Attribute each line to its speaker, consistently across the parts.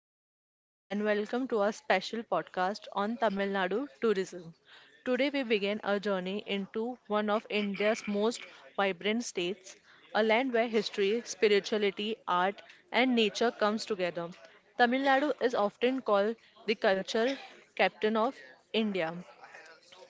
Speaker 1: dear listeners, and welcome to our special podcast on Tamil Nadu tourism. Today, we begin our journey into one of India's most vibrant states, a land where history, spirituality, art, and nature comes together. Tamil Nadu is often called the culture captain of India.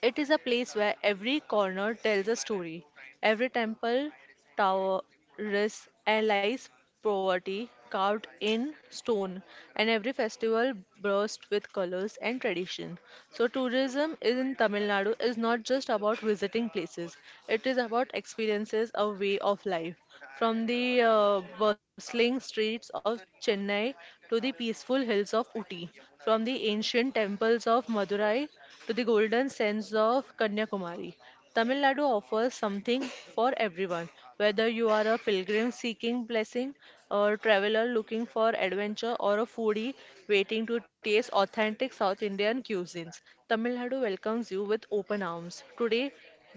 Speaker 1: It is a place where every corner tells a story. Every temple, tower, terrace, allies poverty carved in stone, and every festival burst with colors and tradition. So, tourism in Tamil Nadu is not just about visiting places, it is about experiences, a way of life, from the bustling streets of Chennai to the peaceful hills of Uti, from the ancient temples of Madurai to the golden sands of Kanyakumari. Tamil Nadu offers something for everyone, whether you are a pilgrim seeking blessing, a traveler looking for adventure, or a foodie waiting to taste authentic South Indian cuisines. Tamil Nadu welcomes you with open arms. Today,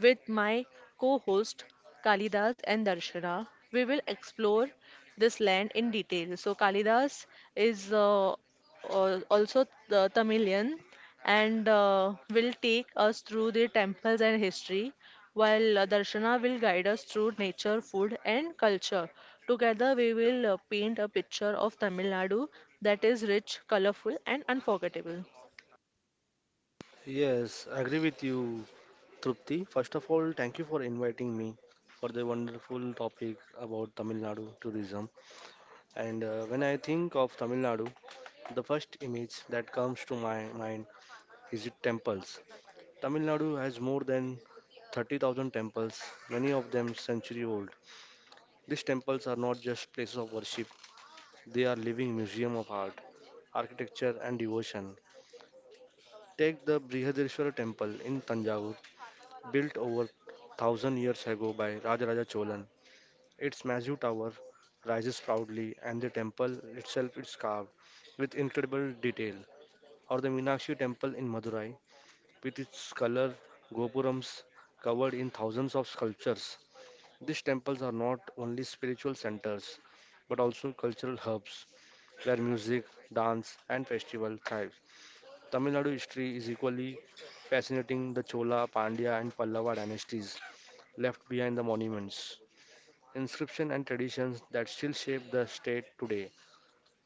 Speaker 1: with my co host Kalidas and Darshana, we will explore this land in detail. So, Kalidas is also the Tamilian, and will take us through the temples and history, while Darshana will guide us through nature, food, and culture. Together, we will paint a picture of Tamil Nadu that is rich, colorful, and unforgettable.
Speaker 2: Yes, I agree with you, Trupti. First of all, thank you for inviting me for the wonderful topic about Tamil Nadu tourism. And when I think of Tamil Nadu, the first image that comes to my mind is it temples. Tamil Nadu has more than 30,000 temples, many of them century old. These temples are not just places of worship, they are living museum of art, architecture and devotion. Take the Brihadareshwara temple in Tanjore built over 1000 years ago by Rajaraja Cholan. Its massive tower rises proudly and the temple itself is carved with incredible detail. Or the Meenakshi temple in Madurai with its color gopurams covered in thousands of sculptures. These temples are not only spiritual centers but also cultural hubs where music, dance, and festival thrive. Tamil Nadu history is equally fascinating. The Chola, Pandya, and Pallava dynasties left behind the monuments, inscription and traditions that still shape the state today.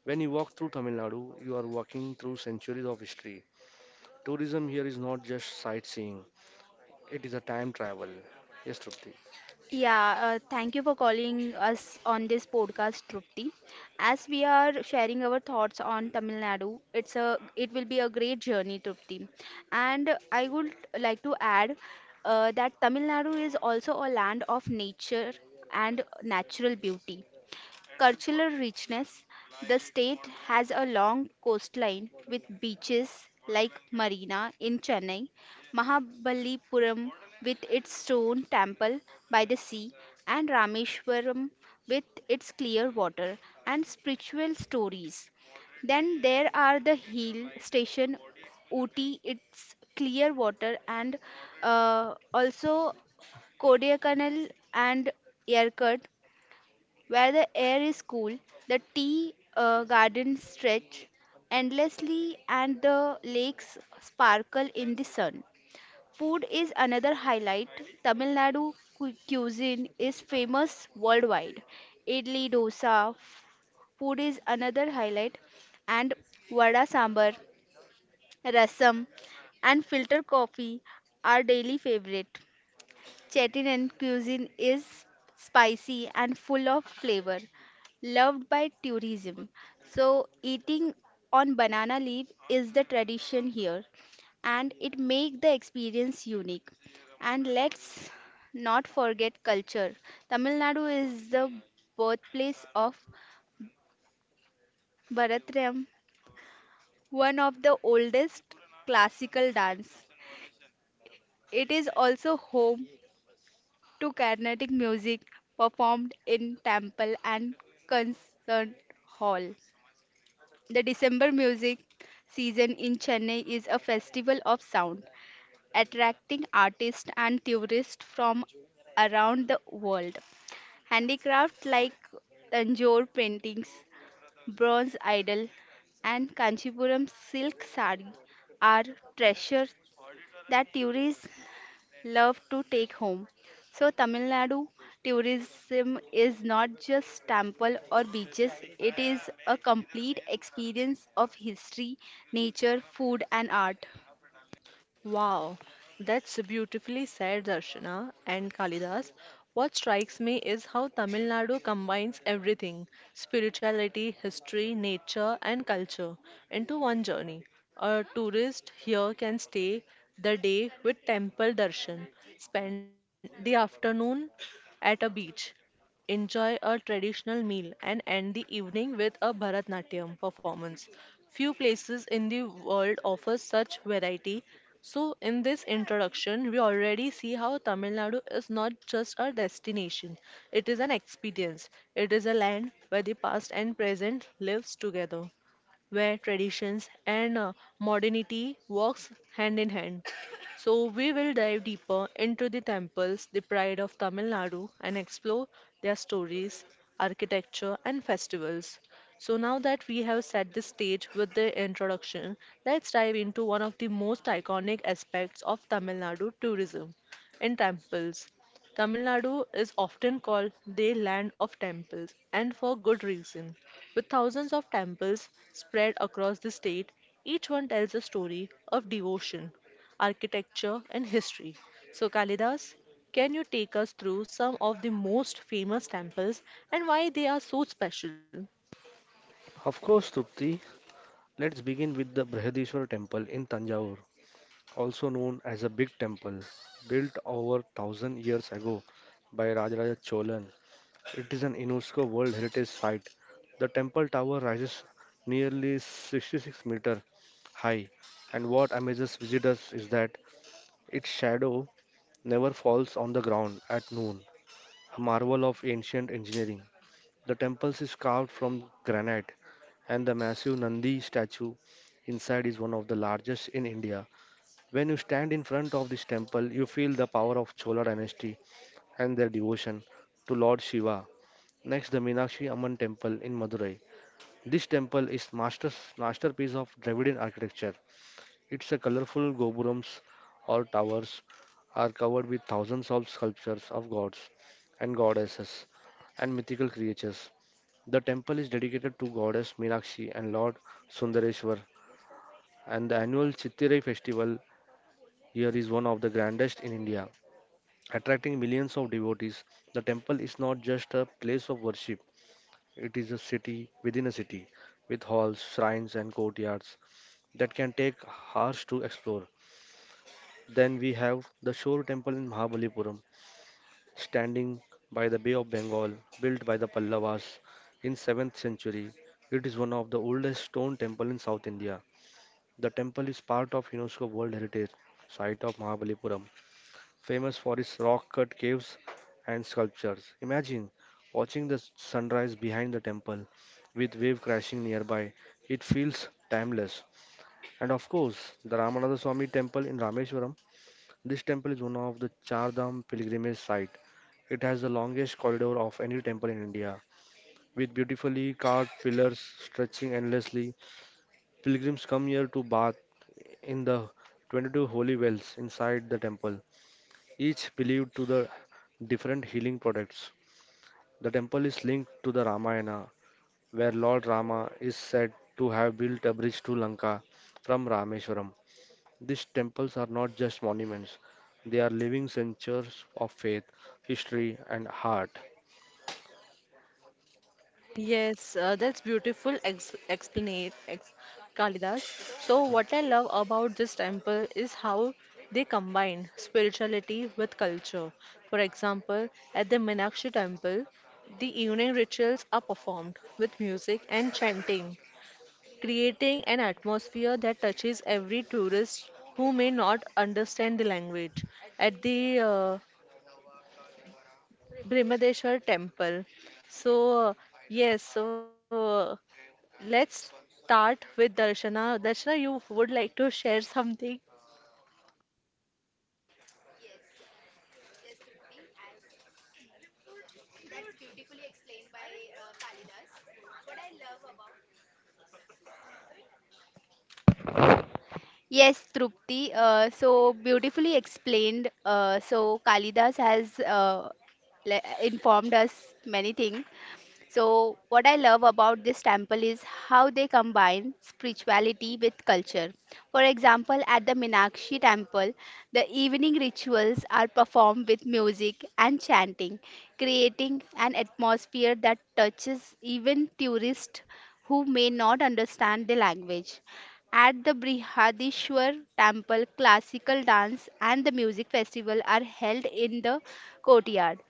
Speaker 2: When you walk through Tamil Nadu, you are walking through centuries of history. Tourism here is not just sightseeing, it is a time travel. Yes, Trupti.
Speaker 3: Yeah, thank you for calling us on this podcast, Trupti. As we are sharing our thoughts on Tamil Nadu, it will be a great journey, Trupti. And I would like to add that Tamil Nadu is also a land of nature and natural beauty cultural richness. The state has a long coastline with beaches like Marina in Chennai, Mahabalipuram with its stone temple by the sea, and Rameshwaram with its clear water and spiritual stories. Then there are the hill station Ooty, its clear water, and also Kodaikanal and Yerkut where the air is cool, the tea gardens stretch endlessly, and the lakes sparkle in the sun. Food is another highlight. Tamil Nadu cuisine is famous worldwide. Idli dosa f- Food is another highlight, and vada sambar, rasam, and filter coffee are daily favorite. Chilean cuisine is spicy and full of flavor, loved by tourism. So, eating on banana leaf is the tradition here, and it makes the experience unique. And let's not forget culture. Tamil Nadu is the birthplace of Bharatanatyam, one of the oldest classical dance. It is also home to Carnatic music performed in temple and concert hall. The December music season in Chennai is a festival of sound, attracting artists and tourists from around the world. Handicrafts like Tanjore paintings, bronze idol, and Kanchipuram silk sari are treasures that tourists love to take home. So, Tamil Nadu tourism is not just temple or beaches, it is a complete experience of history, nature, food, and art.
Speaker 1: Wow, that's beautifully said, Darshana and Kalidas. What strikes me is how Tamil Nadu combines everything spirituality, history, nature, and culture into one journey. A tourist here can stay the day with temple darshan, spend the afternoon at a beach, enjoy a traditional meal, and end the evening with a Bharatnatyam performance. Few places in the world offer such variety. So, in this introduction, we already see how Tamil Nadu is not just a destination, it is an experience. It is a land where the past and present lives together, where traditions and modernity works hand in hand. So we will dive deeper into the temples, the pride of Tamil Nadu, and explore their stories, architecture, and festivals. So now that we have set the stage with the introduction, let's dive into one of the most iconic aspects of Tamil Nadu tourism in temples. Tamil Nadu is often called the land of temples, and for good reason. With thousands of temples spread across the state, each one tells a story of devotion, architecture, and history. So, Kalidas, can you take us through some of the most famous temples and why they are so special?
Speaker 2: Of course, Trupti, let's begin with the Brihadishwar temple in Tanjavur, also known as a big temple, built over 1000 years ago by Rajaraja Cholan. It is an UNESCO World Heritage Site. The temple tower rises nearly 66-meter high, and what amazes visitors is that its shadow never falls on the ground at noon, a marvel of ancient engineering. The temple is carved from granite, and the massive Nandi statue inside is one of the largest in India. When you stand in front of this temple, you feel the power of Chola dynasty and their devotion to Lord Shiva. Next, the Meenakshi Amman temple in Madurai. This temple is masterpiece of Dravidian architecture. Its a colorful gopurams or towers are covered with thousands of sculptures of gods and goddesses and mythical creatures. The temple is dedicated to goddess Meenakshi and Lord Sundareshwar, and the annual Chittirai festival here is one of the grandest in India, attracting millions of devotees. The temple is not just a place of worship, it is a city within a city with halls, shrines, and courtyards that can take hours to explore. Then we have the Shore Temple in Mahabalipuram, standing by the Bay of Bengal, built by the Pallavas in 7th century. It is one of the oldest stone temple in South India. The temple is part of UNESCO World Heritage Site of Mahabalipuram, famous for its rock-cut caves and sculptures. Imagine watching the sunrise behind the temple with wave crashing nearby. It feels timeless. And of course, the Ramananda Swami temple in Rameswaram, this temple is one of the Char Dham pilgrimage site. It has the longest corridor of any temple in India, with beautifully carved pillars stretching endlessly. Pilgrims come here to bath in the 22 holy wells inside the temple, each believed to the different healing products. The temple is linked to the Ramayana, where Lord Rama is said to have built a bridge to Lanka from Rameswaram. These temples are not just monuments, they are living centers of faith, history, and art.
Speaker 1: Yes, that's beautiful ex explanate ex Kalidas. So what I love about this temple is how they combine spirituality with culture. For example, at the Meenakshi temple, the evening rituals are performed with music and chanting, creating an atmosphere that touches every tourist who may not understand the language. At the Brihadeshwar temple, so, yes, let's start with Darshana. Darshana, you would like to share something?
Speaker 3: Yes, Trupti, so beautifully explained. So Kalidas has informed us many things. So what I love about this temple is how they combine spirituality with culture. For example, at the Minakshi temple, the evening rituals are performed with music and chanting, creating an atmosphere that touches even tourists who may not understand the language. At the Brihadishwar temple, classical dance and the music festival are held in the courtyard,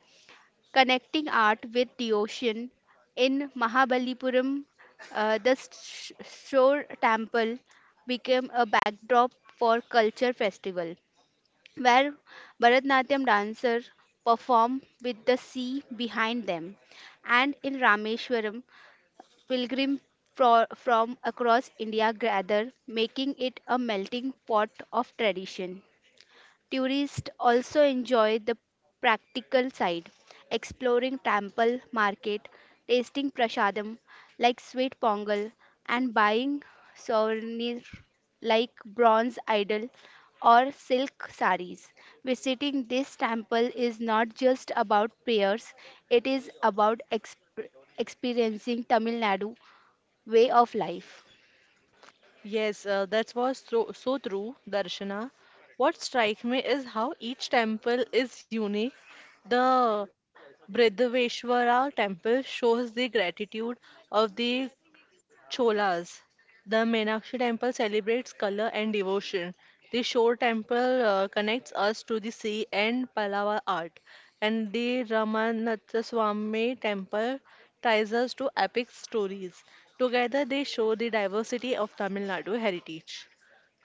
Speaker 3: connecting art with the ocean. In Mahabalipuram, the shore temple became a backdrop for culture festival, where Bharatanatyam dancers perform with the sea behind them. And in Rameshwaram, pilgrims from across India gather, making it a melting pot of tradition. Tourists also enjoy the practical side, exploring temple market, tasting prasadam like sweet pongal, and buying souvenirs like bronze idol or silk saris. Visiting this temple is not just about prayers, it is about experiencing Tamil Nadu way of life.
Speaker 1: Yes, that was so, so true, Darshana. What strikes me is how each temple is unique. The Bridhaveshwara temple shows the gratitude of the Cholas. The Meenakshi temple celebrates color and devotion. The Shore temple connects us to the sea and Pallava art. And the Ramanathaswamy temple ties us to epic stories. Together, they show the diversity of Tamil Nadu heritage.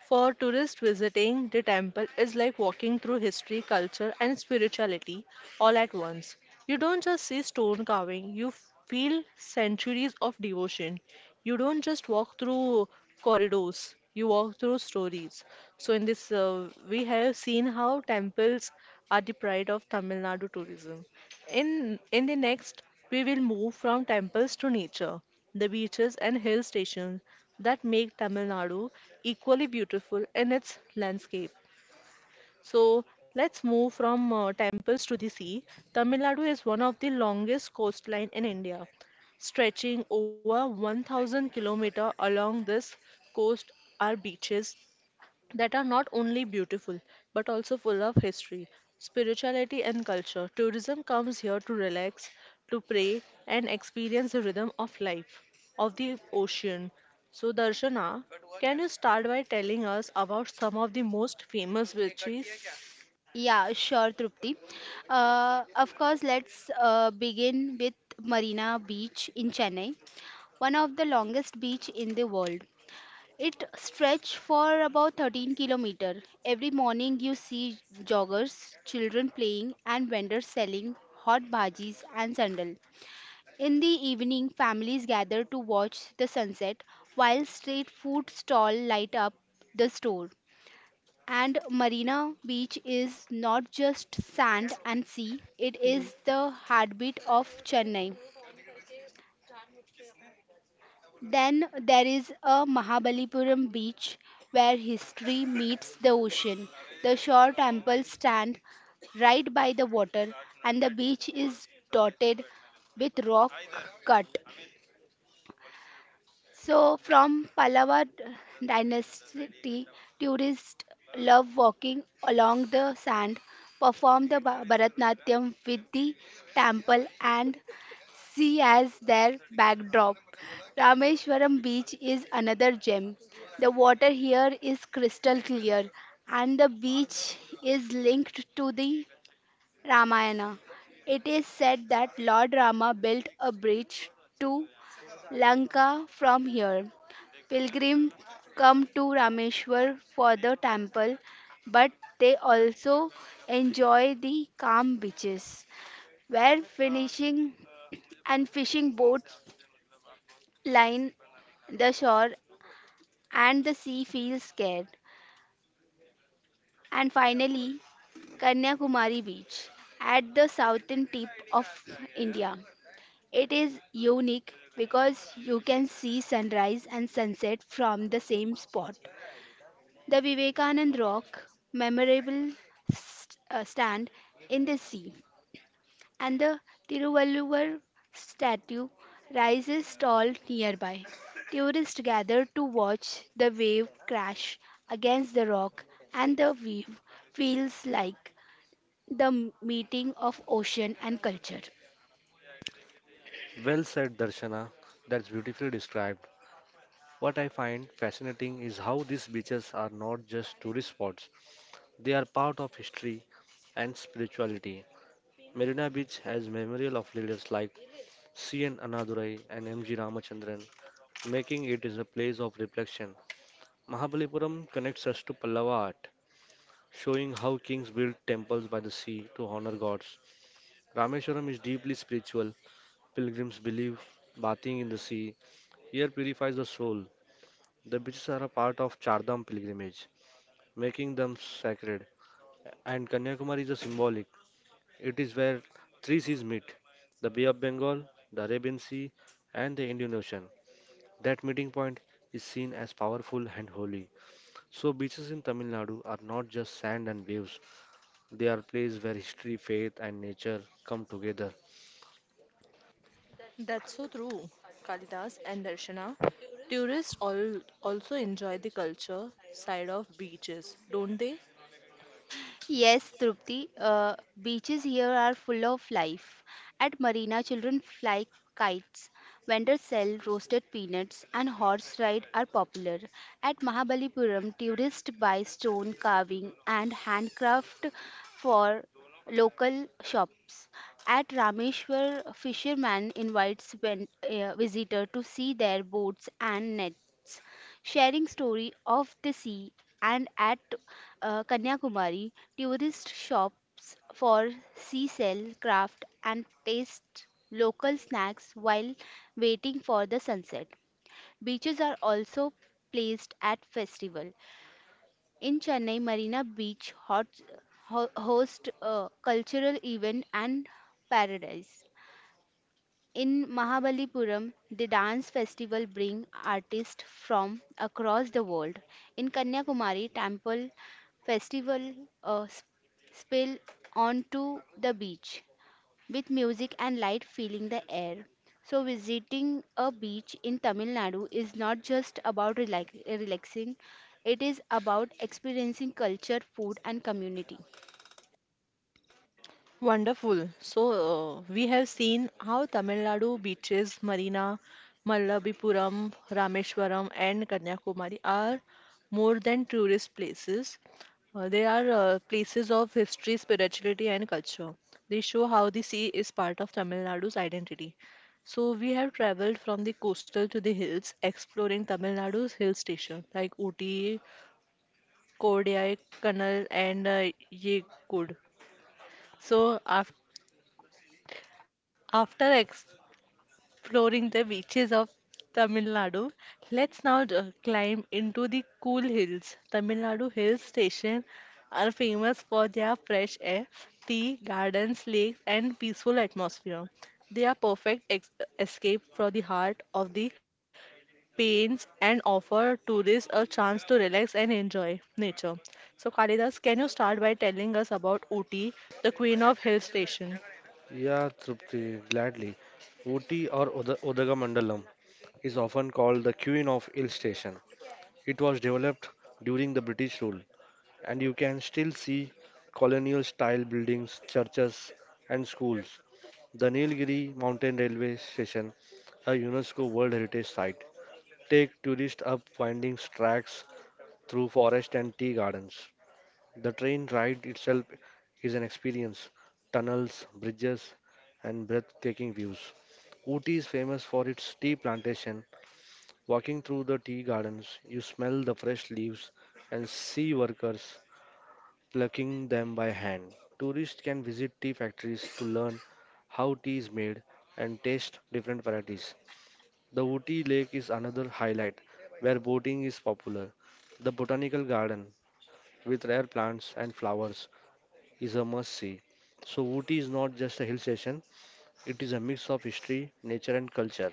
Speaker 1: For tourists, visiting the temple is like walking through history, culture, and spirituality all at once. You don't just see stone carving, you feel centuries of devotion. You don't just walk through corridors, you walk through stories. So in this we have seen how temples are the pride of Tamil Nadu tourism. In the next, we will move from temples to nature, the beaches and hill stations that make Tamil Nadu equally beautiful in its landscape. So let's move from temples to the sea. Tamil Nadu is one of the longest coastline in India, stretching over 1000 km. Along this coast are beaches that are not only beautiful but also full of history, spirituality, and culture. Tourism comes here to relax, to pray, and experience the rhythm of life, of the ocean. So, Darshana, can you start by telling us about some of the most famous beaches?
Speaker 3: Yeah, sure, Trupti. Of course, let's begin with Marina Beach in Chennai, one of the longest beach in the world. It stretched for about 13 kilometer. Every morning you see joggers, children playing and vendors selling hot bhajis and sandal. In the evening, families gather to watch the sunset while street food stall light up the store. And Marina Beach is not just sand and sea, it is
Speaker 1: The-
Speaker 3: the heartbeat of Chennai. Then there is a Mahabalipuram beach where history meets the ocean. The shore temples stand right by the water, and the beach is dotted with rock cut. So, from Pallava dynasty, tourists love walking along the sand, perform the Bharatnatyam with the temple, and sea as their backdrop. Rameshwaram beach is another gem. The water here is crystal clear, and the beach is linked to the Ramayana. It is said that Lord Rama built a bridge to Lanka from here. Pilgrims come to Rameshwar for the temple, but they also enjoy the calm beaches where finishing and fishing boats line the shore and the sea feels scared. And finally, Kanyakumari beach at the southern tip of India. It is unique because you can see sunrise and sunset from the same spot. The Vivekanand Rock memorable Stand in the sea, and the Tiruvalluvar statue rises tall nearby. Tourists gather to watch the wave crash against the rock, and the wave feels like the meeting of ocean and culture.
Speaker 2: Well said, Darshana. That's beautifully described. What I find fascinating is how these beaches are not just tourist spots, they are part of history and spirituality. Marina Beach has memorial of leaders like C.N. Annadurai and M.G. Ramachandran, making it is a place of reflection. Mahabalipuram connects us to Pallava art, showing how kings built temples by the sea to honor gods. Rameshwaram is deeply spiritual. Pilgrims believe bathing in the sea here purifies the soul. The beaches are a part of Chardham pilgrimage, making them sacred. And Kanyakumari is a symbolic. It is where three seas meet: the Bay of Bengal, the Arabian Sea, and the Indian Ocean. That meeting point is seen as powerful and holy. So, beaches in Tamil Nadu are not just sand and waves, they are places where history, faith, and nature come together.
Speaker 1: That's so true, Kalidas and Darshana. Tourists all also enjoy the culture side of beaches, don't they?
Speaker 3: Yes, Trupti, beaches here are full of life. At Marina, children fly kites, vendors sell roasted peanuts, and horse ride are popular. At Mahabalipuram, tourists buy stone carving and handcraft for local shops. At Rameshwar, fishermen invites visitor to see their boats and nets sharing story of the sea, and at Kanyakumari tourist shops for seashell craft and taste local snacks while waiting for the sunset. Beaches are also placed at festival. In Chennai, Marina Beach host a cultural event and paradise. In Mahabalipuram, the dance festival bring artists from across the world. In Kanyakumari, temple festival uh, s- spill onto the beach with music and light filling the air. So visiting a beach in Tamil Nadu is not just about relaxing, it is about experiencing culture, food and community.
Speaker 1: Wonderful. So, we have seen how Tamil Nadu beaches, Marina, Malabipuram, Rameshwaram, and Kanyakumari are more than tourist places. They are places of history, spirituality, and culture. They show how the sea is part of Tamil Nadu's identity. So, we have traveled from the coastal to the hills, exploring Tamil Nadu's hill station like Ooty, Kodai, Kannal, and Yegud. So, after exploring the beaches of Tamil Nadu, let's now climb into the cool hills. Tamil Nadu hill station are famous for their fresh air, tea, gardens, lakes, and peaceful atmosphere. They are perfect escape from the heart of the pains and offer tourists a chance to relax and enjoy nature. So, Kalidas, can you start by telling us about Ooty, the queen of hill station?
Speaker 2: Yeah, Trupti, gladly. Ooty or Udaga is often called the Queen of Hill Station. It was developed during the British rule, and you can still see colonial style buildings, churches, and schools. The Nilgiri Mountain Railway Station, a UNESCO World Heritage Site, take tourists up winding tracks through forest and tea gardens. The train ride itself is an experience: tunnels, bridges, and breathtaking views. Ooty is famous for its tea plantation. Walking through the tea gardens, you smell the fresh leaves and see workers plucking them by hand. Tourists can visit tea factories to learn how tea is made and taste different varieties. The Ooty Lake is another highlight where boating is popular. The botanical garden with rare plants and flowers is a must see. So, Ooty is not just a hill station, it is a mix of history, nature, and culture.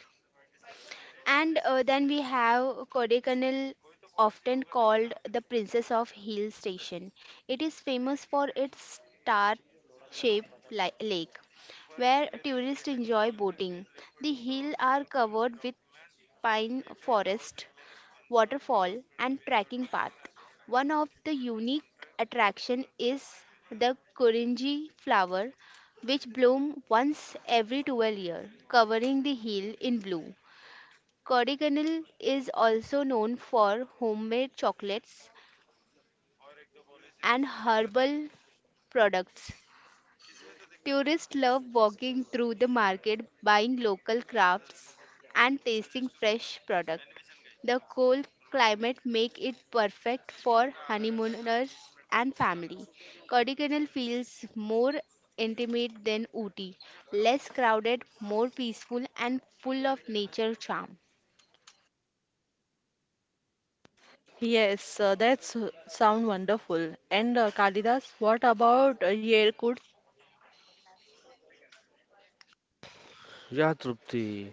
Speaker 3: And then we have Kodaikanal, often called the Princess of Hill Station. It is famous for its star shaped lake, where tourists enjoy boating. The hills are covered with pine forest, waterfall, and trekking path. One of the unique attraction is the Korinji flower, which bloom once every 12 years, covering the hill in blue. Kodiganal is also known for homemade chocolates and herbal products. Tourists love walking through the market, buying local crafts and tasting fresh products. The cold climate make it perfect for honeymooners and family. Kodiganal feels more intimate than Ooty, less crowded, more peaceful and full of nature charm.
Speaker 1: Yes, that's sound wonderful. And Kalidas, what about Yerkut?
Speaker 2: Yeah, Trupti.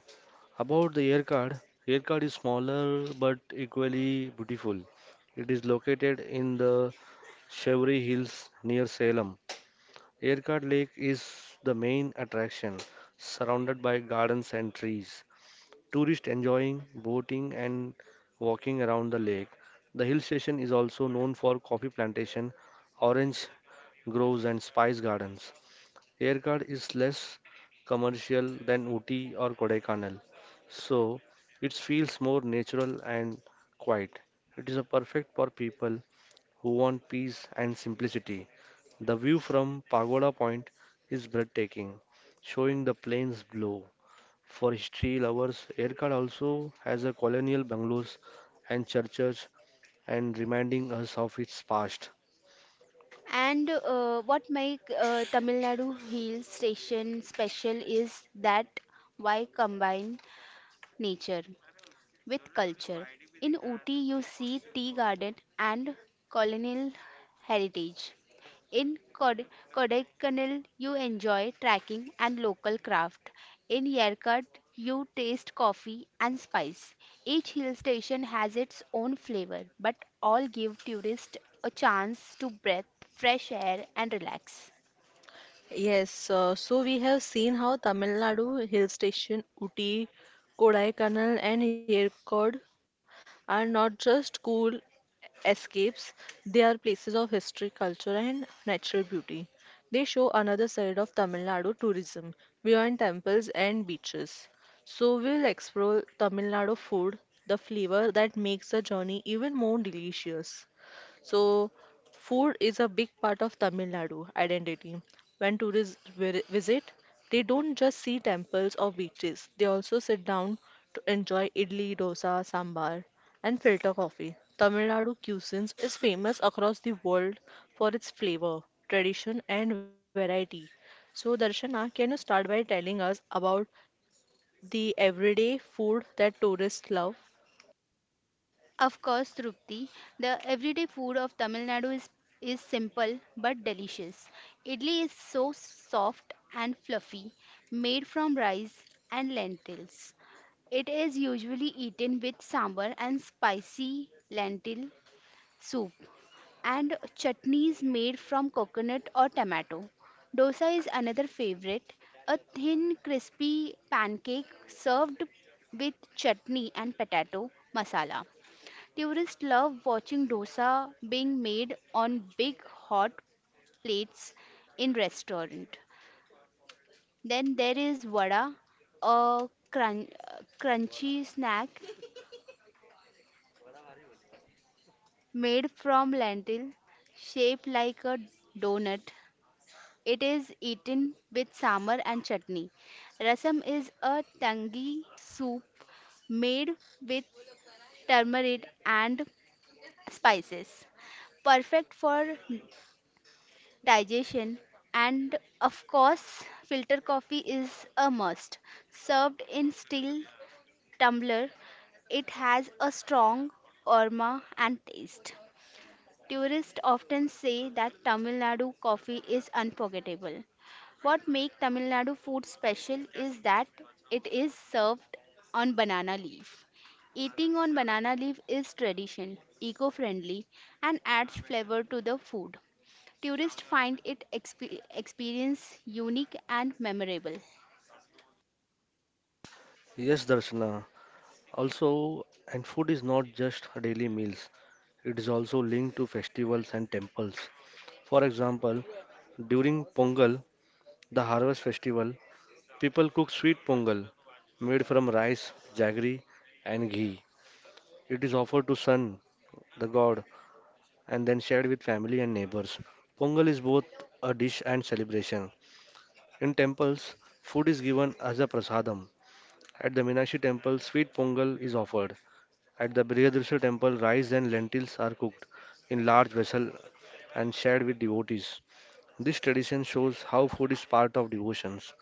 Speaker 2: About the Yerkad, Yerkad is smaller but equally beautiful. It is located in the Chevry Hills near Salem. Yerkad Lake is the main attraction, surrounded by gardens and trees. Tourists enjoying boating and walking around the lake. The hill station is also known for coffee plantation, orange groves and spice gardens. Erkard is less commercial than Ooty or Kodaikanal, so it feels more natural and quiet. It is a perfect for people who want peace and simplicity. The view from Pagoda Point is breathtaking, showing the plains below. For history lovers, Erkat also has a colonial bungalows and churches and reminding us of its past.
Speaker 3: And what make Tamil Nadu Hill Station special is that why combine nature with culture. In Ooty, you see tea garden and colonial heritage. In Kodaikanal, you enjoy trekking and local craft. In Yerkat, you taste coffee and spice. Each hill station has its own flavor, but all give tourists a chance to breathe fresh air and relax.
Speaker 1: Yes, so we have seen how Tamil Nadu hill station Uti, Kodaikanal, and Yerkod are not just cool escapes, they are places of history, culture, and natural beauty. They show another side of Tamil Nadu tourism beyond temples and beaches. So, we'll explore Tamil Nadu food, the flavor that makes the journey even more delicious. So, food is a big part of Tamil Nadu identity. When tourists visit, they don't just see temples or beaches, they also sit down to enjoy idli, dosa, sambar, and filter coffee. Tamil Nadu cuisine is famous across the world for its flavor, tradition, and variety. So, Darshana, can you start by telling us about the everyday food that tourists love?
Speaker 3: Of course, Trupti, the everyday food of Tamil Nadu is simple but delicious. Idli is so soft and fluffy, made from rice and lentils. It is usually eaten with sambar and spicy lentil soup, and chutneys made from coconut or tomato. Dosa is another favorite, a thin, crispy pancake served with chutney and potato masala. Tourists love watching dosa being made on big hot plates in restaurant. Then there is vada, a crunchy snack made from lentil shaped like a donut. It is eaten with sambar and chutney. Rasam is a tangy soup made with turmeric and spices perfect for digestion, and of course, filter coffee is a must. Served in steel tumbler, it has a strong aroma and taste. Tourists often say that Tamil Nadu coffee is unforgettable. What makes Tamil Nadu food special is that it is served on banana leaf. Eating on banana leaf is tradition, eco friendly, and adds flavor to the food. Tourists find it experience unique and memorable.
Speaker 2: Yes, Darshana. Also, and food is not just daily meals. It is also linked to festivals and temples. For example, during Pongal, the harvest festival, people cook sweet pongal made from rice, jaggery, and ghee. It is offered to Sun, the god, and then shared with family and neighbors. Pongal is both a dish and celebration. In temples, food is given as a prasadam. At the Meenakshi temple, sweet pongal is offered. At the Brihadrishya temple, rice and lentils are cooked in large vessel and shared with devotees. This tradition shows how food is part of devotions.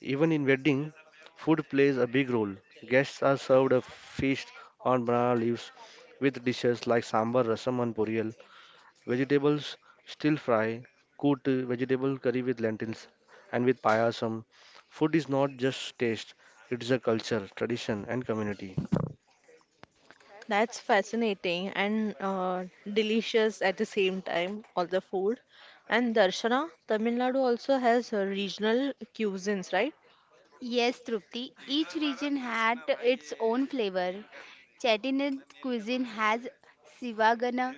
Speaker 2: Even in wedding, food plays a big role. Guests are served a feast on banana leaves with dishes like sambar, rasam, and poriyal Vegetables, still fry, kootu, vegetable curry with lentils, and with payasam. Food is not just taste, it is a culture, tradition, and community.
Speaker 1: That's fascinating and delicious at the same time, all the food. And Darshana, Tamil Nadu also has regional cuisines, right?
Speaker 3: Yes, Trupti, each region had its own flavor. Chettinad cuisine has Sivagana.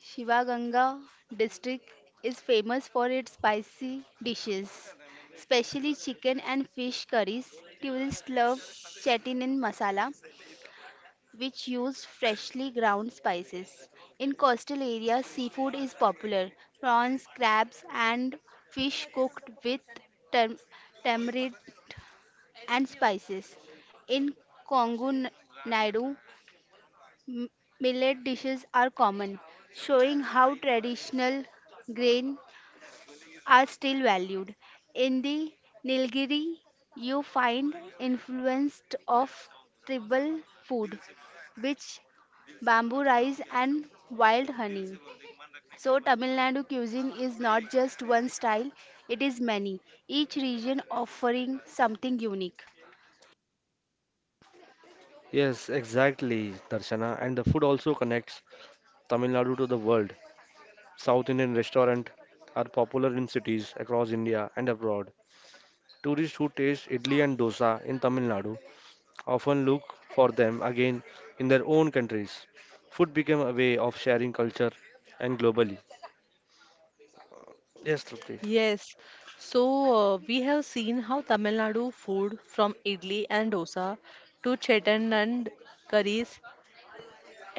Speaker 3: Shivaganga district is famous for its spicy dishes, especially chicken and fish curries. Tourists love Chettinad masala, which use freshly ground spices. In coastal areas, seafood is popular. Prawns, crabs, and fish cooked with tam- tamarind and spices. In Kongo Nadu, m- millet dishes are common, showing how traditional grain are still valued. In the Nilgiri, you find influence of tribal food, which bamboo rice and wild honey. So, Tamil Nadu cuisine is not just one style, it is many, each region offering something unique.
Speaker 2: Yes, exactly, Darshana. And the food also connects Tamil Nadu to the world. South Indian restaurants are popular in cities across India and abroad. Tourists who taste idli and dosa in Tamil Nadu often look for them again in their own countries. Food became a way of sharing culture and globally. Yes, Trupti.
Speaker 1: Yes. So we have seen how Tamil Nadu food, from idli and dosa to chetan and curries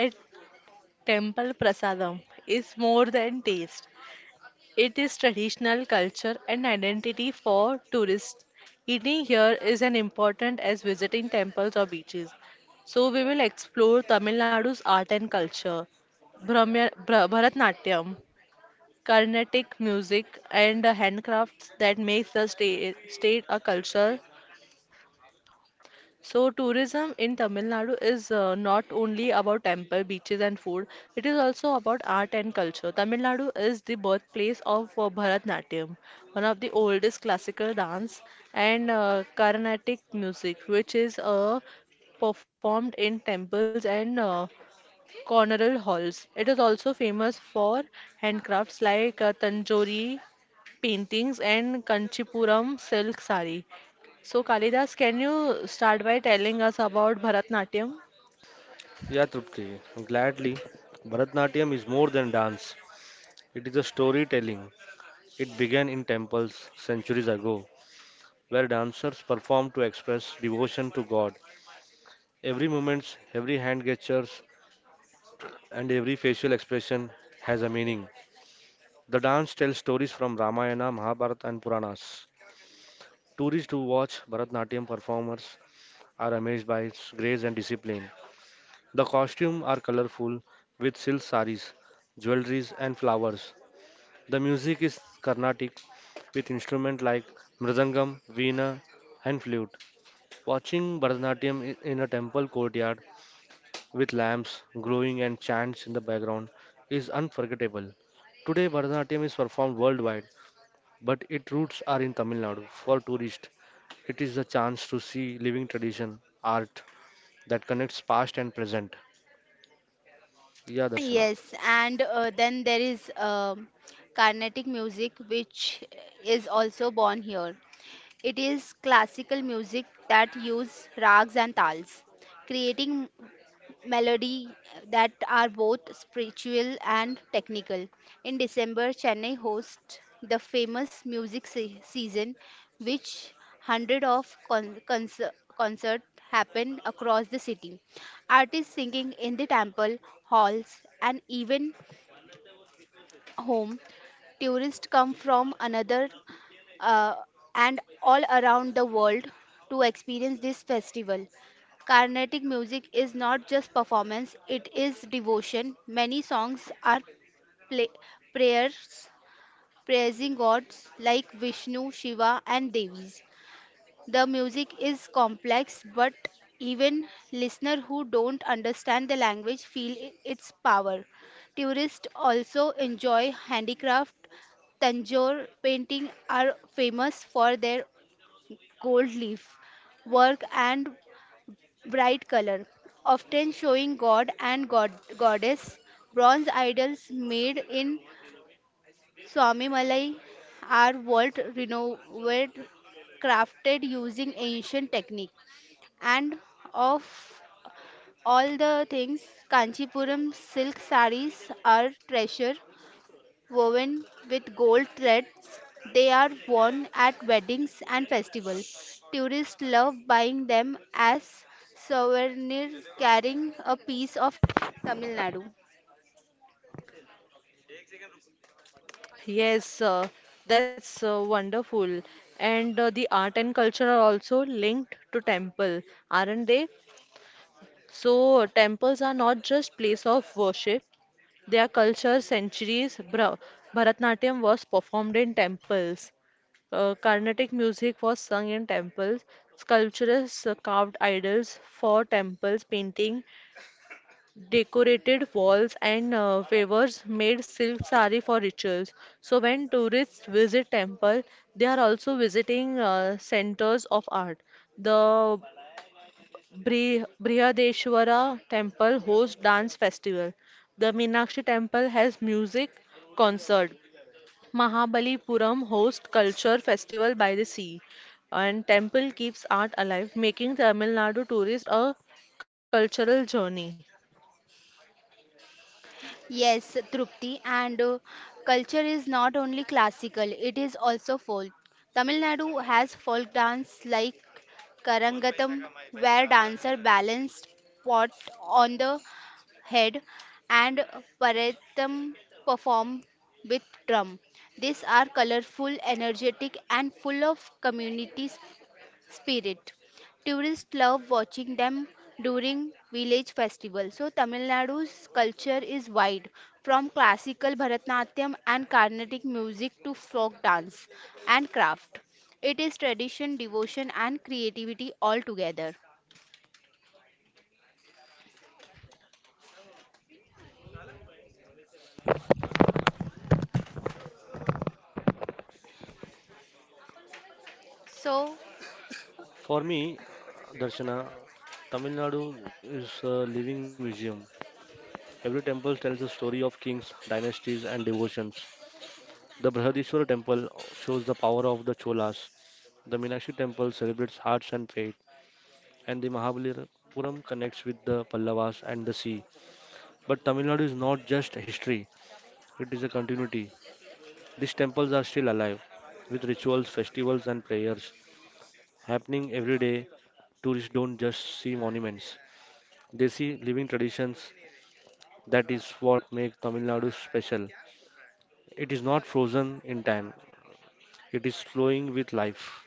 Speaker 1: at Temple Prasadam, is more than taste. It is traditional culture and identity for tourists. Eating here is an important as visiting temples or beaches. So we will explore Tamil Nadu's art and culture, Bharatnatyam, Carnatic music, and handcrafts that makes the state a culture. So, tourism in Tamil Nadu is not only about temple, beaches, and food, it is also about art and culture. Tamil Nadu is the birthplace of Bharatanatyam, one of the oldest classical dance, and Carnatic music, which is performed in temples and corneral halls. It is also famous for handcrafts like Tanjori paintings and Kanchipuram silk sari. So, Kalidas, can you start by telling us about Bharatnatyam?
Speaker 2: Yeah, Trupti, gladly. Bharatnatyam is more than dance. It is a storytelling. It began in temples centuries ago, where dancers performed to express devotion to God. Every movement, every hand gestures, and every facial expression has a meaning. The dance tells stories from Ramayana, Mahabharata, and Puranas. Tourists who watch Bharatnatyam performers are amazed by its grace and discipline. The costumes are colorful with silk saris, jewelries, and flowers. The music is Carnatic with instruments like mridangam, veena, and flute. Watching Bharatanatyam in a temple courtyard with lamps glowing and chants in the background is unforgettable. Today, Bharatanatyam is performed worldwide, but its roots are in Tamil Nadu. For tourists, it is a chance to see living tradition, art that connects past and present. Yeah, Darshana.
Speaker 3: Yes, and then there is Carnatic music, which is also born here. It is classical music that use rags and tals, creating melody that are both spiritual and technical. In December, Chennai hosts the famous music season, which hundred of concert happen across the city. Artists singing in the temple halls and even home. Tourists come from another uh, and all around the world to experience this festival. Carnatic music is not just performance, it is devotion. Many songs are play- prayers praising gods like Vishnu, Shiva, and Devis. The music is complex, but even listeners who don't understand the language feel its power. Tourists also enjoy handicraft. Tanjore painting are famous for their gold leaf work and bright color, often showing god and god goddess. Bronze idols made in Swamimalai are world renowned crafted using ancient technique. And of all the things, Kanchipuram silk sarees are treasure woven with gold threads. They are worn at weddings and festivals. Tourists love buying them as souvenirs, carrying a piece of Tamil Nadu.
Speaker 1: Yes, that's wonderful. And the art and culture are also linked to temple, aren't they? So, temples are not just place of worship, they are culture centuries. Bra Bharatnatyam was performed in temples. Carnatic music was sung in temples. Sculptures carved idols for temples, painting decorated walls, and favors made silk sari for rituals. So when tourists visit temple, they are also visiting centers of art. The Brihadeshwara temple hosts dance festival. The Meenakshi temple has music concert. Mahabalipuram hosts culture festival by the sea. And temple keeps art alive, making Tamil Nadu tourists a cultural journey.
Speaker 3: Yes, Trupti, and culture is not only classical, it is also folk. Tamil Nadu has folk dance like Karangatam, where dancer balanced pot on the head and Paratham perform with drum. These are colorful, energetic, and full of community spirit. Tourists love watching them during village festivals. So Tamil Nadu's culture is wide, from classical Bharatanatyam and Carnatic music to folk dance and craft. It is tradition, devotion, and creativity all together. So,
Speaker 1: For me, Darshana, Tamil Nadu is a living museum. Every temple tells a story of kings, dynasties, and devotions. The Brihadishwara temple shows the power of the Cholas. The Meenakshi temple celebrates hearts and faith. And the Mahabalipuram connects with the Pallavas and the sea. But Tamil Nadu is not just history, it is a continuity. These temples are still alive, with rituals, festivals, and prayers happening every day. Tourists don't just see monuments, Desi living traditions. That is what makes Tamil Nadu special. It is not frozen in time, it is flowing with life.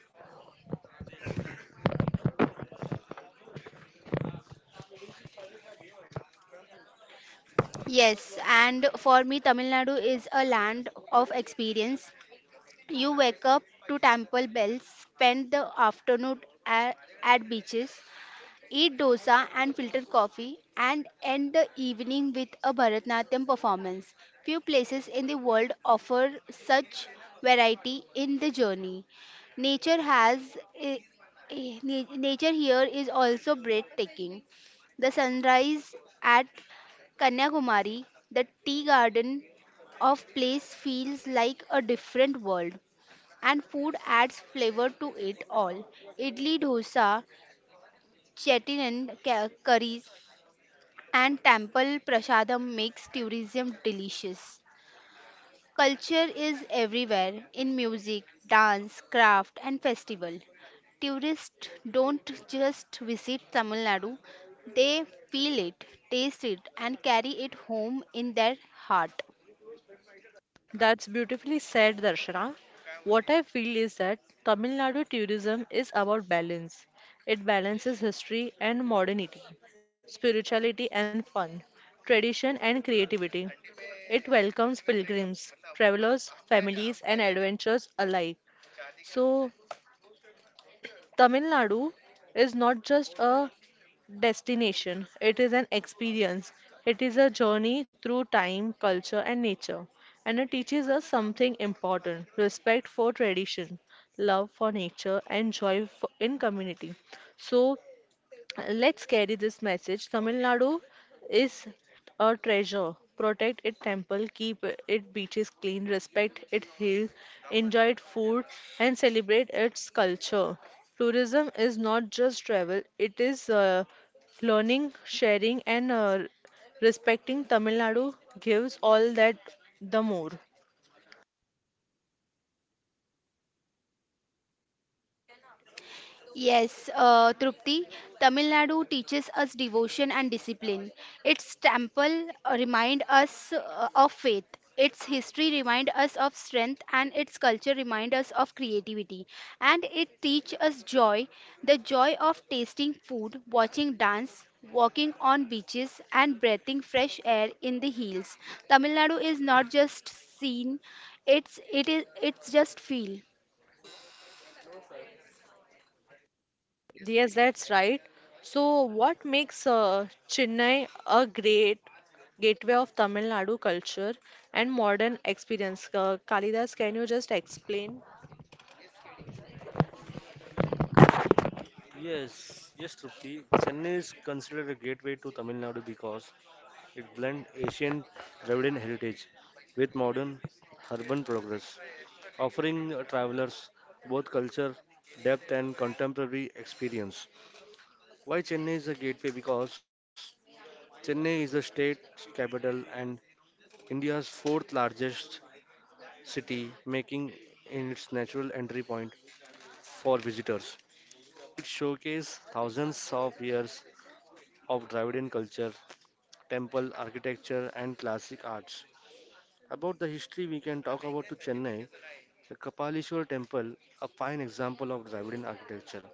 Speaker 3: yes, and for me, Tamil Nadu is a land of experience. You wake up to temple bells, spend the afternoon at, at beaches, eat dosa and filter coffee, and end the evening with a Bharatnatyam performance. Few places in the world offer such variety in the journey. Nature has eh, eh, na- Nature here is also breathtaking. The sunrise at Kanyakumari, the tea garden of place feels like a different world and food adds flavor to it all. Idli dosa Chettinad curries and temple prasadam makes tourism delicious. Culture is everywhere in music, dance, craft and festival. Tourists don't just visit Tamil Nadu, they feel it, taste it and carry it home in their heart.
Speaker 1: That's beautifully said, Darshana. What I feel is that Tamil Nadu tourism is about balance. It balances history and modernity, spirituality and fun, tradition and creativity. It welcomes pilgrims, travelers, families, and adventurers alike. So, Tamil Nadu is not just a destination, it is an experience. It is a journey through time, culture, and nature. And it teaches us something important: respect for tradition, love for nature, and joy in community. So, let's carry this message. Tamil Nadu is a treasure. Protect its temple, keep its beaches clean, respect its hills, enjoy its food, and celebrate its culture. Tourism is not just travel, it is learning, sharing, and respecting. Tamil Nadu gives all that the more.
Speaker 3: Yes, Trupti, Tamil Nadu teaches us devotion and discipline. Its temple remind us of faith. Its history remind us of strength and its culture remind us of creativity. And it teach us joy, the joy of tasting food, watching dance, walking on beaches and breathing fresh air in the hills. Tamil Nadu is not just seen, it's it is it's just feel.
Speaker 1: Yes, that's right. So, what makes Chennai a great gateway of Tamil Nadu culture and modern experience? Kalidas, can you just explain? Yes, yes, Trupti. Chennai is considered a gateway to Tamil Nadu because it blends ancient Dravidian heritage with modern urban progress, offering travelers both culture, depth, and contemporary experience. Why Chennai is a gateway? Because Chennai is the state capital and India's fourth largest city, making it its natural entry point for visitors. It showcases thousands of years of Dravidian culture, temple architecture, and classic arts. About the history, we can talk about to Chennai, the Kapalishwar Temple, a fine example of Dravidian architecture,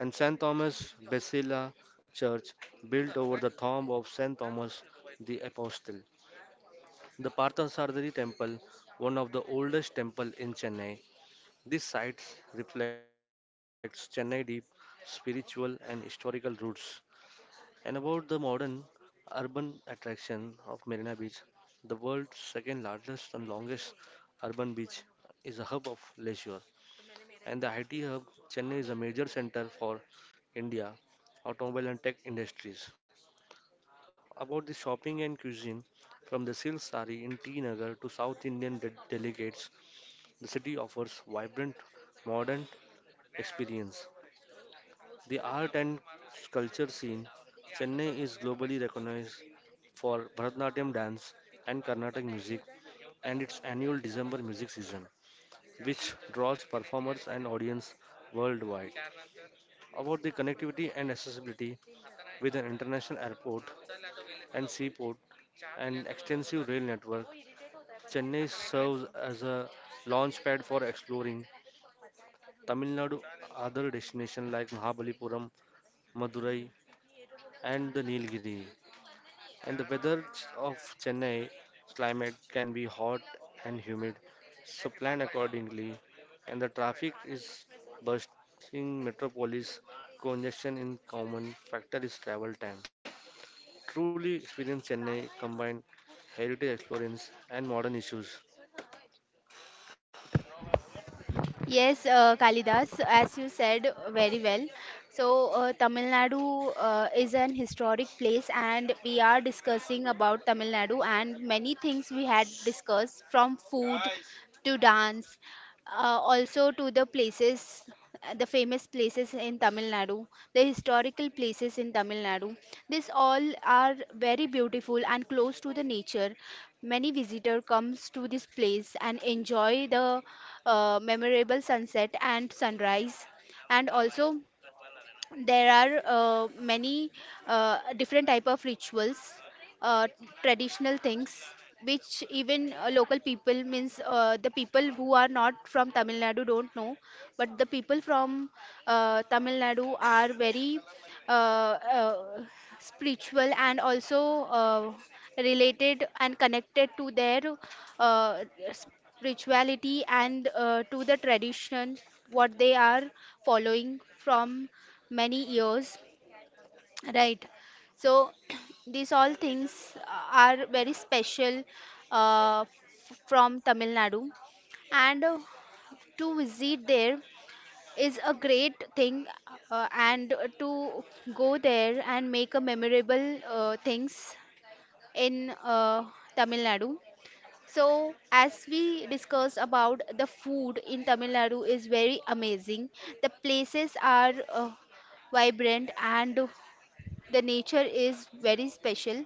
Speaker 1: and St. Thomas Basilica Church, built over the tomb of St. Thomas the Apostle. The Parthasarathy temple, one of the oldest temple in Chennai. This site reflects Chennai deep spiritual and historical roots. And about the modern urban attraction of Marina Beach, the world's second largest and longest urban beach is a hub of leisure. And the IT hub, Chennai is a major center for India automobile and tech industries about the shopping and cuisine. From the silk sari in T Nagar to South Indian delegates, the city offers vibrant, modern experience. The art and culture scene, Chennai is globally recognized for Bharatanatyam dance and Carnatic music and its annual December music season, which draws performers and audience worldwide. About the connectivity and accessibility with an international airport and seaport, an extensive rail network Chennai serves as a launchpad for exploring Tamil Nadu, other destinations like Mahabalipuram, Madurai, and the Nilgiri. And the weather of Chennai climate can be hot and humid, so plan accordingly. And the traffic is bursting metropolis, congestion in common factor is travel time. Truly experience Chennai combined heritage experience and modern issues.
Speaker 3: Yes, Kalidas, as you said very well. So, Tamil Nadu is an historic place, and we are discussing about Tamil Nadu, and many things we had discussed from food to dance, also to the places, the famous places in Tamil Nadu, the historical places in Tamil Nadu. These all are very beautiful and close to the nature. Many visitor comes to this place and enjoy the memorable sunset and sunrise, and also there are many different type of rituals, uh, traditional things which even local people means the people who are not from Tamil Nadu don't know, but the people from Tamil Nadu are very uh, uh, spiritual and also uh, related and connected to their uh, spirituality and to the tradition what they are following from many years, right? So these all things are very special from Tamil Nadu, and to visit there is a great thing, and to go there and make a memorable things in uh, Tamil Nadu. So as we discussed about the food in Tamil Nadu is very amazing, the places are uh, vibrant and the nature is very special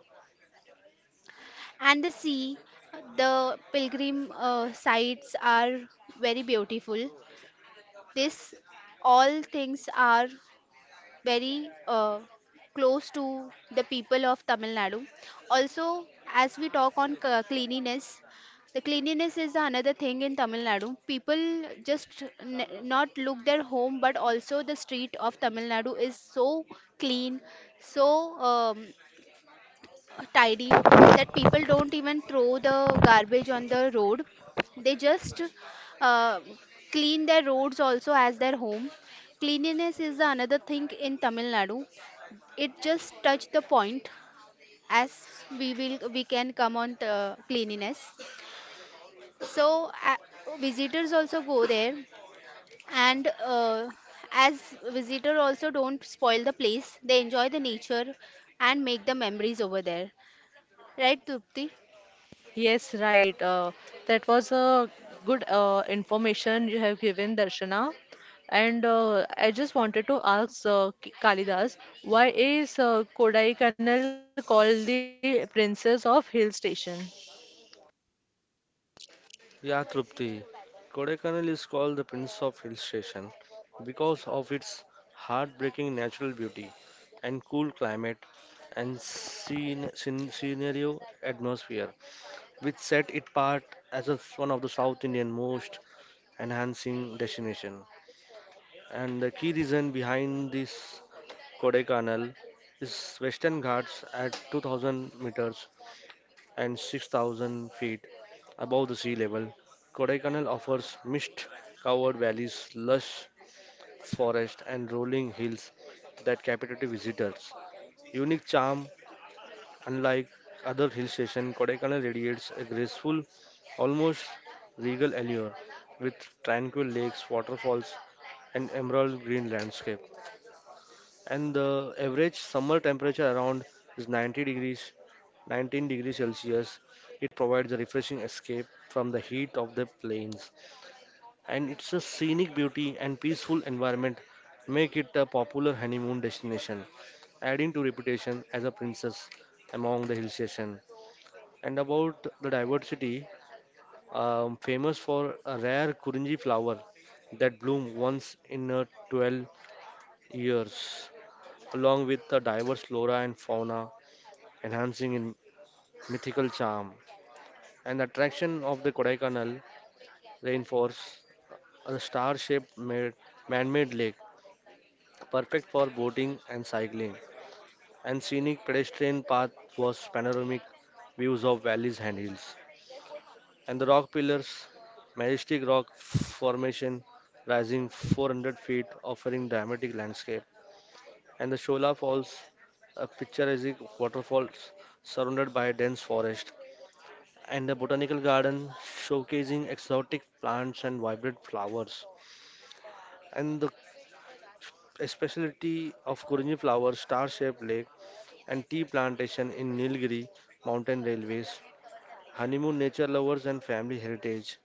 Speaker 3: and the sea, the pilgrim sites are very beautiful. This all things are very close to the people of Tamil Nadu. Also, as we talk on cleanliness, the cleanliness is another thing in Tamil Nadu. People just not look their home but also the street of Tamil Nadu is so clean, so um, tidy, that people don't even throw the garbage on the road. They just uh, clean their roads also as their home. Cleanliness is the another thing in Tamil Nadu. It just touched the point. As we can come on cleanliness. So uh, visitors also go there, and uh, as visitor also don't spoil the place, they enjoy the nature and make the memories over there, right Trupti?
Speaker 1: Yes, right. That was a good information you have given, Darshana. And I just wanted to ask Kalidas, why is Kodaikanal called the Princess of Hill Station?
Speaker 2: Yeah, Trupti. Kodaikanal is called the Prince of Hill Station because of its heartbreaking natural beauty and cool climate and scenario atmosphere, which set it apart as a, one of the South Indian most enhancing destination. And the key reason behind this Kodaikanal is Western Ghats at 2000 meters and 6,000 feet above the sea level, Kodaikanal offers mist covered valleys, lush forests, and rolling hills that captivate visitors. Unique charm, unlike other hill stations, Kodaikanal radiates a graceful, almost regal allure with tranquil lakes, waterfalls, and emerald green landscape. And the average summer temperature around is 90 degrees 19 degrees Celsius. It provides a refreshing escape from the heat of the plains, and it's a scenic beauty and peaceful environment make it a popular honeymoon destination, adding to reputation as a princess among the hill station. And about the diversity, famous for a rare Kurinji flower that bloom once in 12 years, along with the diverse flora and fauna, enhancing in mythical charm. And the attraction of the Kodaikanal rainforest, or a star-shaped made, man-made lake, perfect for boating and cycling, and scenic pedestrian path was panoramic views of valleys and hills. And the rock pillars, majestic rock formation rising 400 feet, offering dramatic landscape. And the Shola Falls, a picturesque waterfall surrounded by a dense forest. And a botanical garden showcasing exotic plants and vibrant flowers. And the a specialty of Kurinji flower, star-shaped lake, and tea plantation in Nilgiri mountain railways, honeymoon nature lovers and family heritage.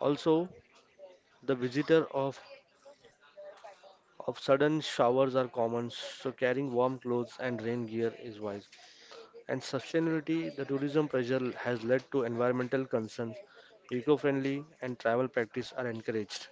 Speaker 2: Also, the visitor of sudden showers are common, so carrying warm clothes and rain gear is wise. And sustainability, the tourism pressure has led to environmental concerns. Eco-friendly and travel practice are encouraged.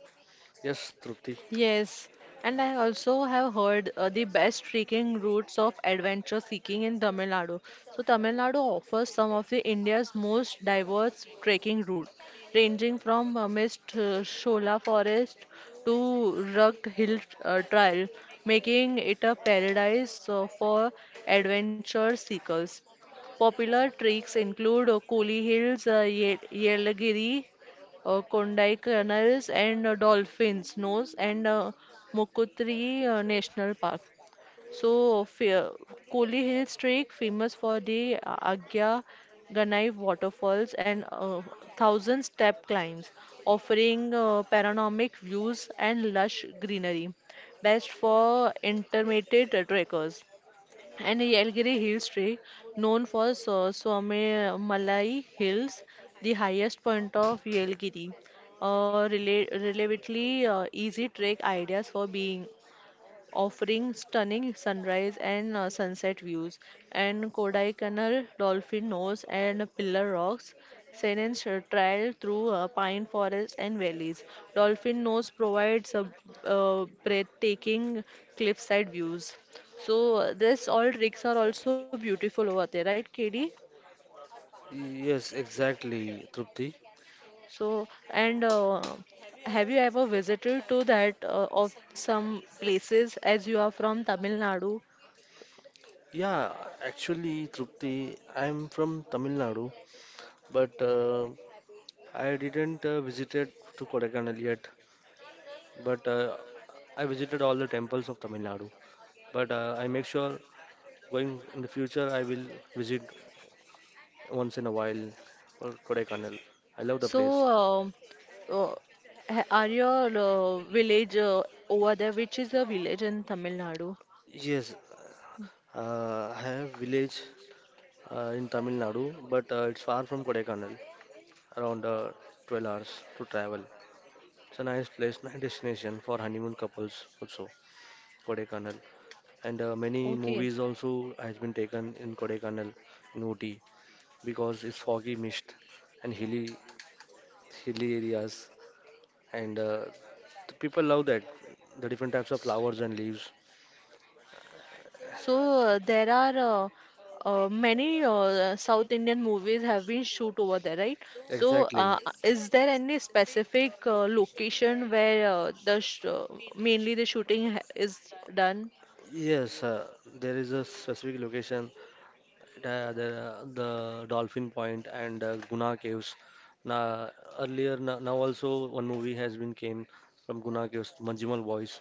Speaker 2: Yes, Trupti.
Speaker 1: Yes, and I also have heard the best trekking routes of adventure seeking in Tamil Nadu. So Tamil Nadu offers some of the India's most diverse trekking route, ranging from Mist Shola Forest to rugged hill trail, making it a paradise for adventure seekers. Popular treks include Koli Hills, Ye Yelagiri Kondai Canals and Dolphins Nose and Mukutri National Park. So, Fe- Koli Hill Trek, famous for the Agya Ganai waterfalls and thousand step climbs, offering panoramic views and lush greenery, best for intermittent trekkers and Yelgiri Hill Street, known for Somalai Hills, the highest point of Yelgiri. Relatively easy trek ideas for being offering stunning sunrise and sunset views. And Kodaikanal Dolphin Nose and Pillar Rocks sends a trail through pine forests and valleys. Dolphin Nose provides a, breathtaking cliffside views. So this all tricks are also beautiful over there, right, KD?
Speaker 2: Yes, exactly, Trupti.
Speaker 1: So and have you ever visited to that of some places as you are from Tamil Nadu?
Speaker 2: Yeah, actually, Trupti, I'm from Tamil Nadu, but I didn't visited to Kodaikanal yet. But I visited all the temples of Tamil Nadu. But I make sure going in the future I will visit once in a while for Kodaikanal. I love the place.
Speaker 1: So, uh, uh, are your village over there, which is a village in Tamil Nadu?
Speaker 2: Yes, I have village in Tamil Nadu, but it's far from Kodaikanal, around 12 hours to travel. It's a nice place, nice destination for honeymoon couples also. Kodaikanal, and many
Speaker 1: Okay.
Speaker 2: movies also has been taken in Kodaikanal in Ooty because it's foggy mist and hilly areas, and the people love that the different types of flowers and leaves.
Speaker 1: So, there are many South Indian movies have been shoot over there, right? So,
Speaker 2: Exactly.
Speaker 1: is there any specific location where the sh mainly the shooting ha is done?
Speaker 2: Yes, there is a specific location. There the Dolphin Point and Guna Caves. Now, earlier, now also one movie has been came from Guna Caves, Manjimal Boys.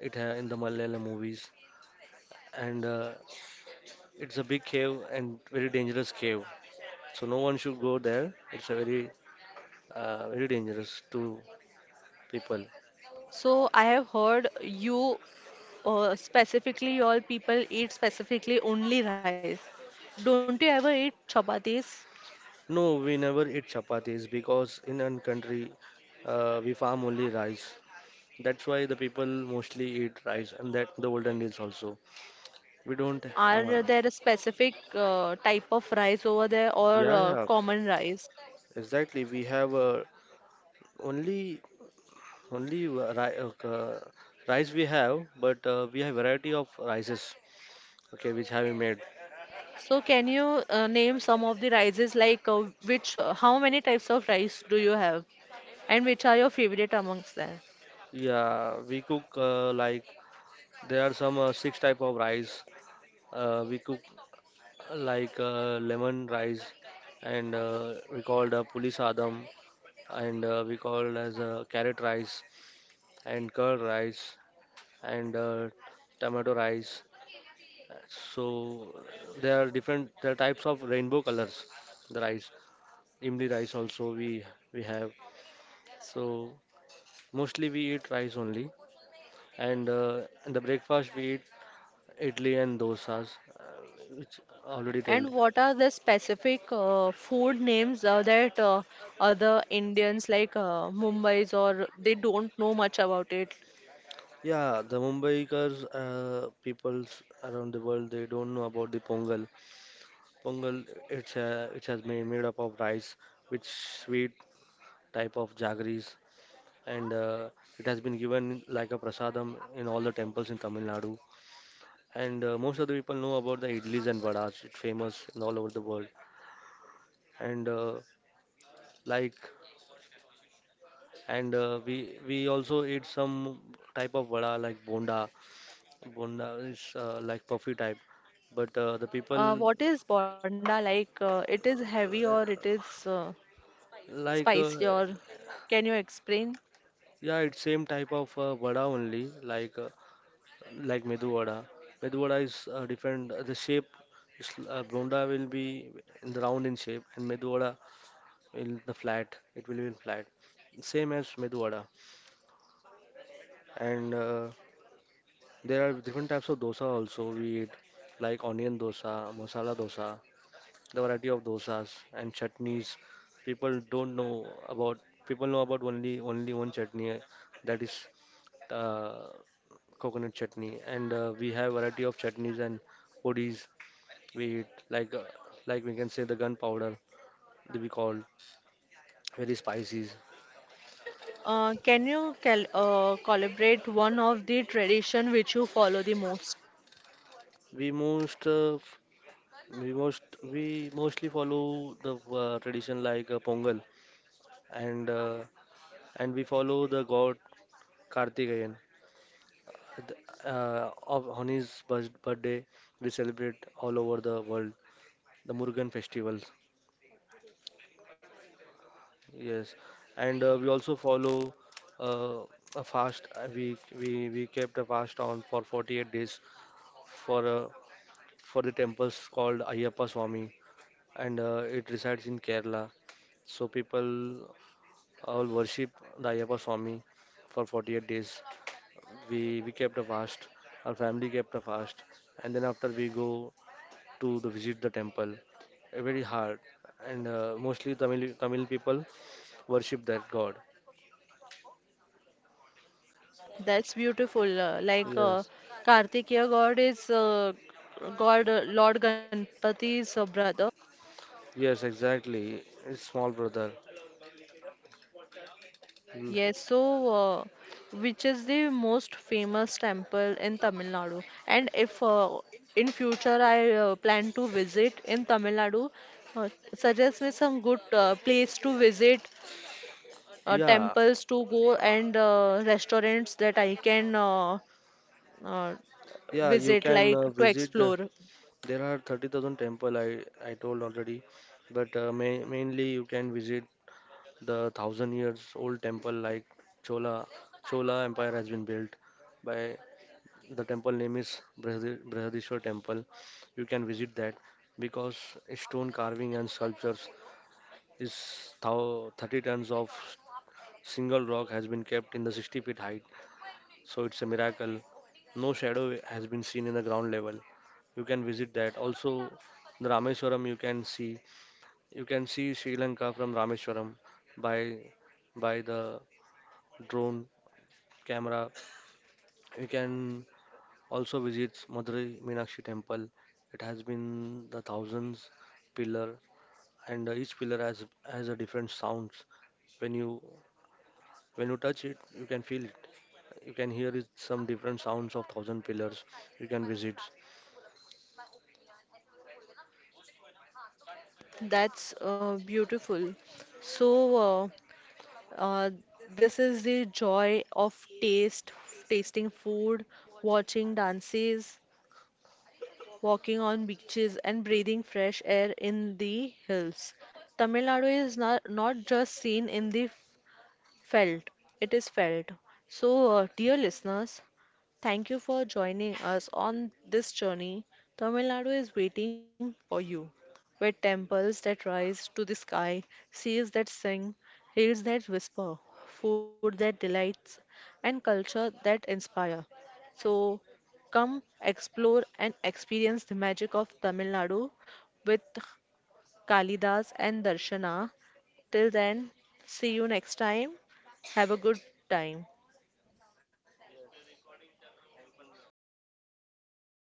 Speaker 2: In the Malayalam movies, and it's a big cave and very dangerous cave. So no one should go there. It's a very dangerous to people.
Speaker 1: So, I have heard you specifically, all people eat specifically only rice. Don't you ever eat chapatis?
Speaker 2: No, we never eat chapatis because in our country we farm only rice. That's why the people mostly eat rice and that the golden meals also. We don't.
Speaker 1: Are
Speaker 2: Uh,
Speaker 1: there a specific type of rice over there or
Speaker 2: yeah, yeah,
Speaker 1: common rice?
Speaker 2: exactly. We have only only rice we have, but we have variety of rices. Okay, which have you made?
Speaker 1: So, can you name some of the rices like which, how many types of rice do you have, and which are your favorite amongst them?
Speaker 2: Yeah, we cook like there are some six type of rice we cook like lemon rice and we called puli sadam, and we called as carrot rice and curd rice and tomato rice. So there are types of rainbow colors, the rice. Imli rice also we have. So mostly we eat rice only, and in the breakfast we eat Idli and dosas, which already tell.
Speaker 1: And what are the specific food names that other Indians like Mumbai's or they don't know much about it?
Speaker 2: Yeah, the Mumbaikars, peoples around the world, they don't know about the pongal. Pongal, it has been made up of rice, which sweet type of jaggeries, and it has been given like a prasadam in all the temples in Tamil Nadu. And most of the people know about the idlis and vadas. It's famous in all over the world. And like, we also eat some type of vada like bonda. Bonda is like puffy type, but the people
Speaker 1: What is bonda like? It is heavy or it
Speaker 2: uh,
Speaker 1: is
Speaker 2: like
Speaker 1: spicy
Speaker 2: uh,
Speaker 1: or can you explain?
Speaker 2: yeah, it's same type of vada only, like medu vada. Medu vada is different. The shape is bonda will be in the round in shape, and medu vada will the flat. It will be in flat, same as medu vada. And there are different types of dosa also we eat, like onion dosa, masala dosa. The variety of dosas and chutneys people don't know about. People know about only one chutney, that is uh, coconut chutney. And we have variety of chutneys and podis. We eat like we can say the gunpowder, that we call very spices.
Speaker 1: Can you cal collaborate one of the tradition which you follow the most?
Speaker 2: We most f- we most we mostly follow the tradition like Pongal, and uh, and we follow the god Kartikeyan on his birthday, we celebrate all over the world the Murugan festivals. Yes, and we also follow uh, a fast. We kept a fast on for 48 days for uh, for the temples called Ayyappa Swami, and it resides in Kerala. So people all worship the Ayyappa Swami for 48 days. We kept a fast. Our family kept a fast, and then after we go to the visit the temple very hard, and mostly Tamil people worship that god.
Speaker 1: That's beautiful.
Speaker 2: Yes,
Speaker 1: Kartikeya God is God Lord Ganpati's brother.
Speaker 2: yes, exactly, it's small brother. Mm.
Speaker 1: Yes, so which is the most famous temple in Tamil Nadu? And if in future I plan to visit in Tamil Nadu, uh, suggest me some good place to visit,
Speaker 2: Yeah,
Speaker 1: temples to go, and restaurants that I can uh,
Speaker 2: yeah, you
Speaker 1: visit,
Speaker 2: can
Speaker 1: like to
Speaker 2: visit the,
Speaker 1: explore.
Speaker 2: there are 30,000 temple. I told already, but mainly you can visit the thousand years old temple like Chola Chola Empire has been built by. The temple name is Brihadishwar Temple. You can visit that because stone carving and sculptures is thou 30 tons of single rock has been kept in the 60 feet height. So it's a miracle. No shadow has been seen in the ground level. You can visit that also. The Rameswaram you can see. You can see Sri Lanka from Rameswaram by by the drone camera. We can also visit Madurai Meenakshi Temple. It has been the thousands pillar, and each pillar has a different sounds. When you when you touch it, you can feel it. You can hear it, some different sounds of thousand pillars. You can visit.
Speaker 1: That's beautiful. So. Uh, Uh, this is the joy of taste, tasting food, watching dances, walking on beaches, and breathing fresh air in the hills. Tamil Nadu is not just seen in the felt, it is felt. So, dear listeners, thank you for joining us on this journey. Tamil Nadu is waiting for you. With temples that rise to the sky, seas that sing, hills that whisper, food that delights, and culture that inspire. So come explore and experience the magic of Tamil Nadu with Kalidas and Darshana. Till then, see you next time. Have a good time.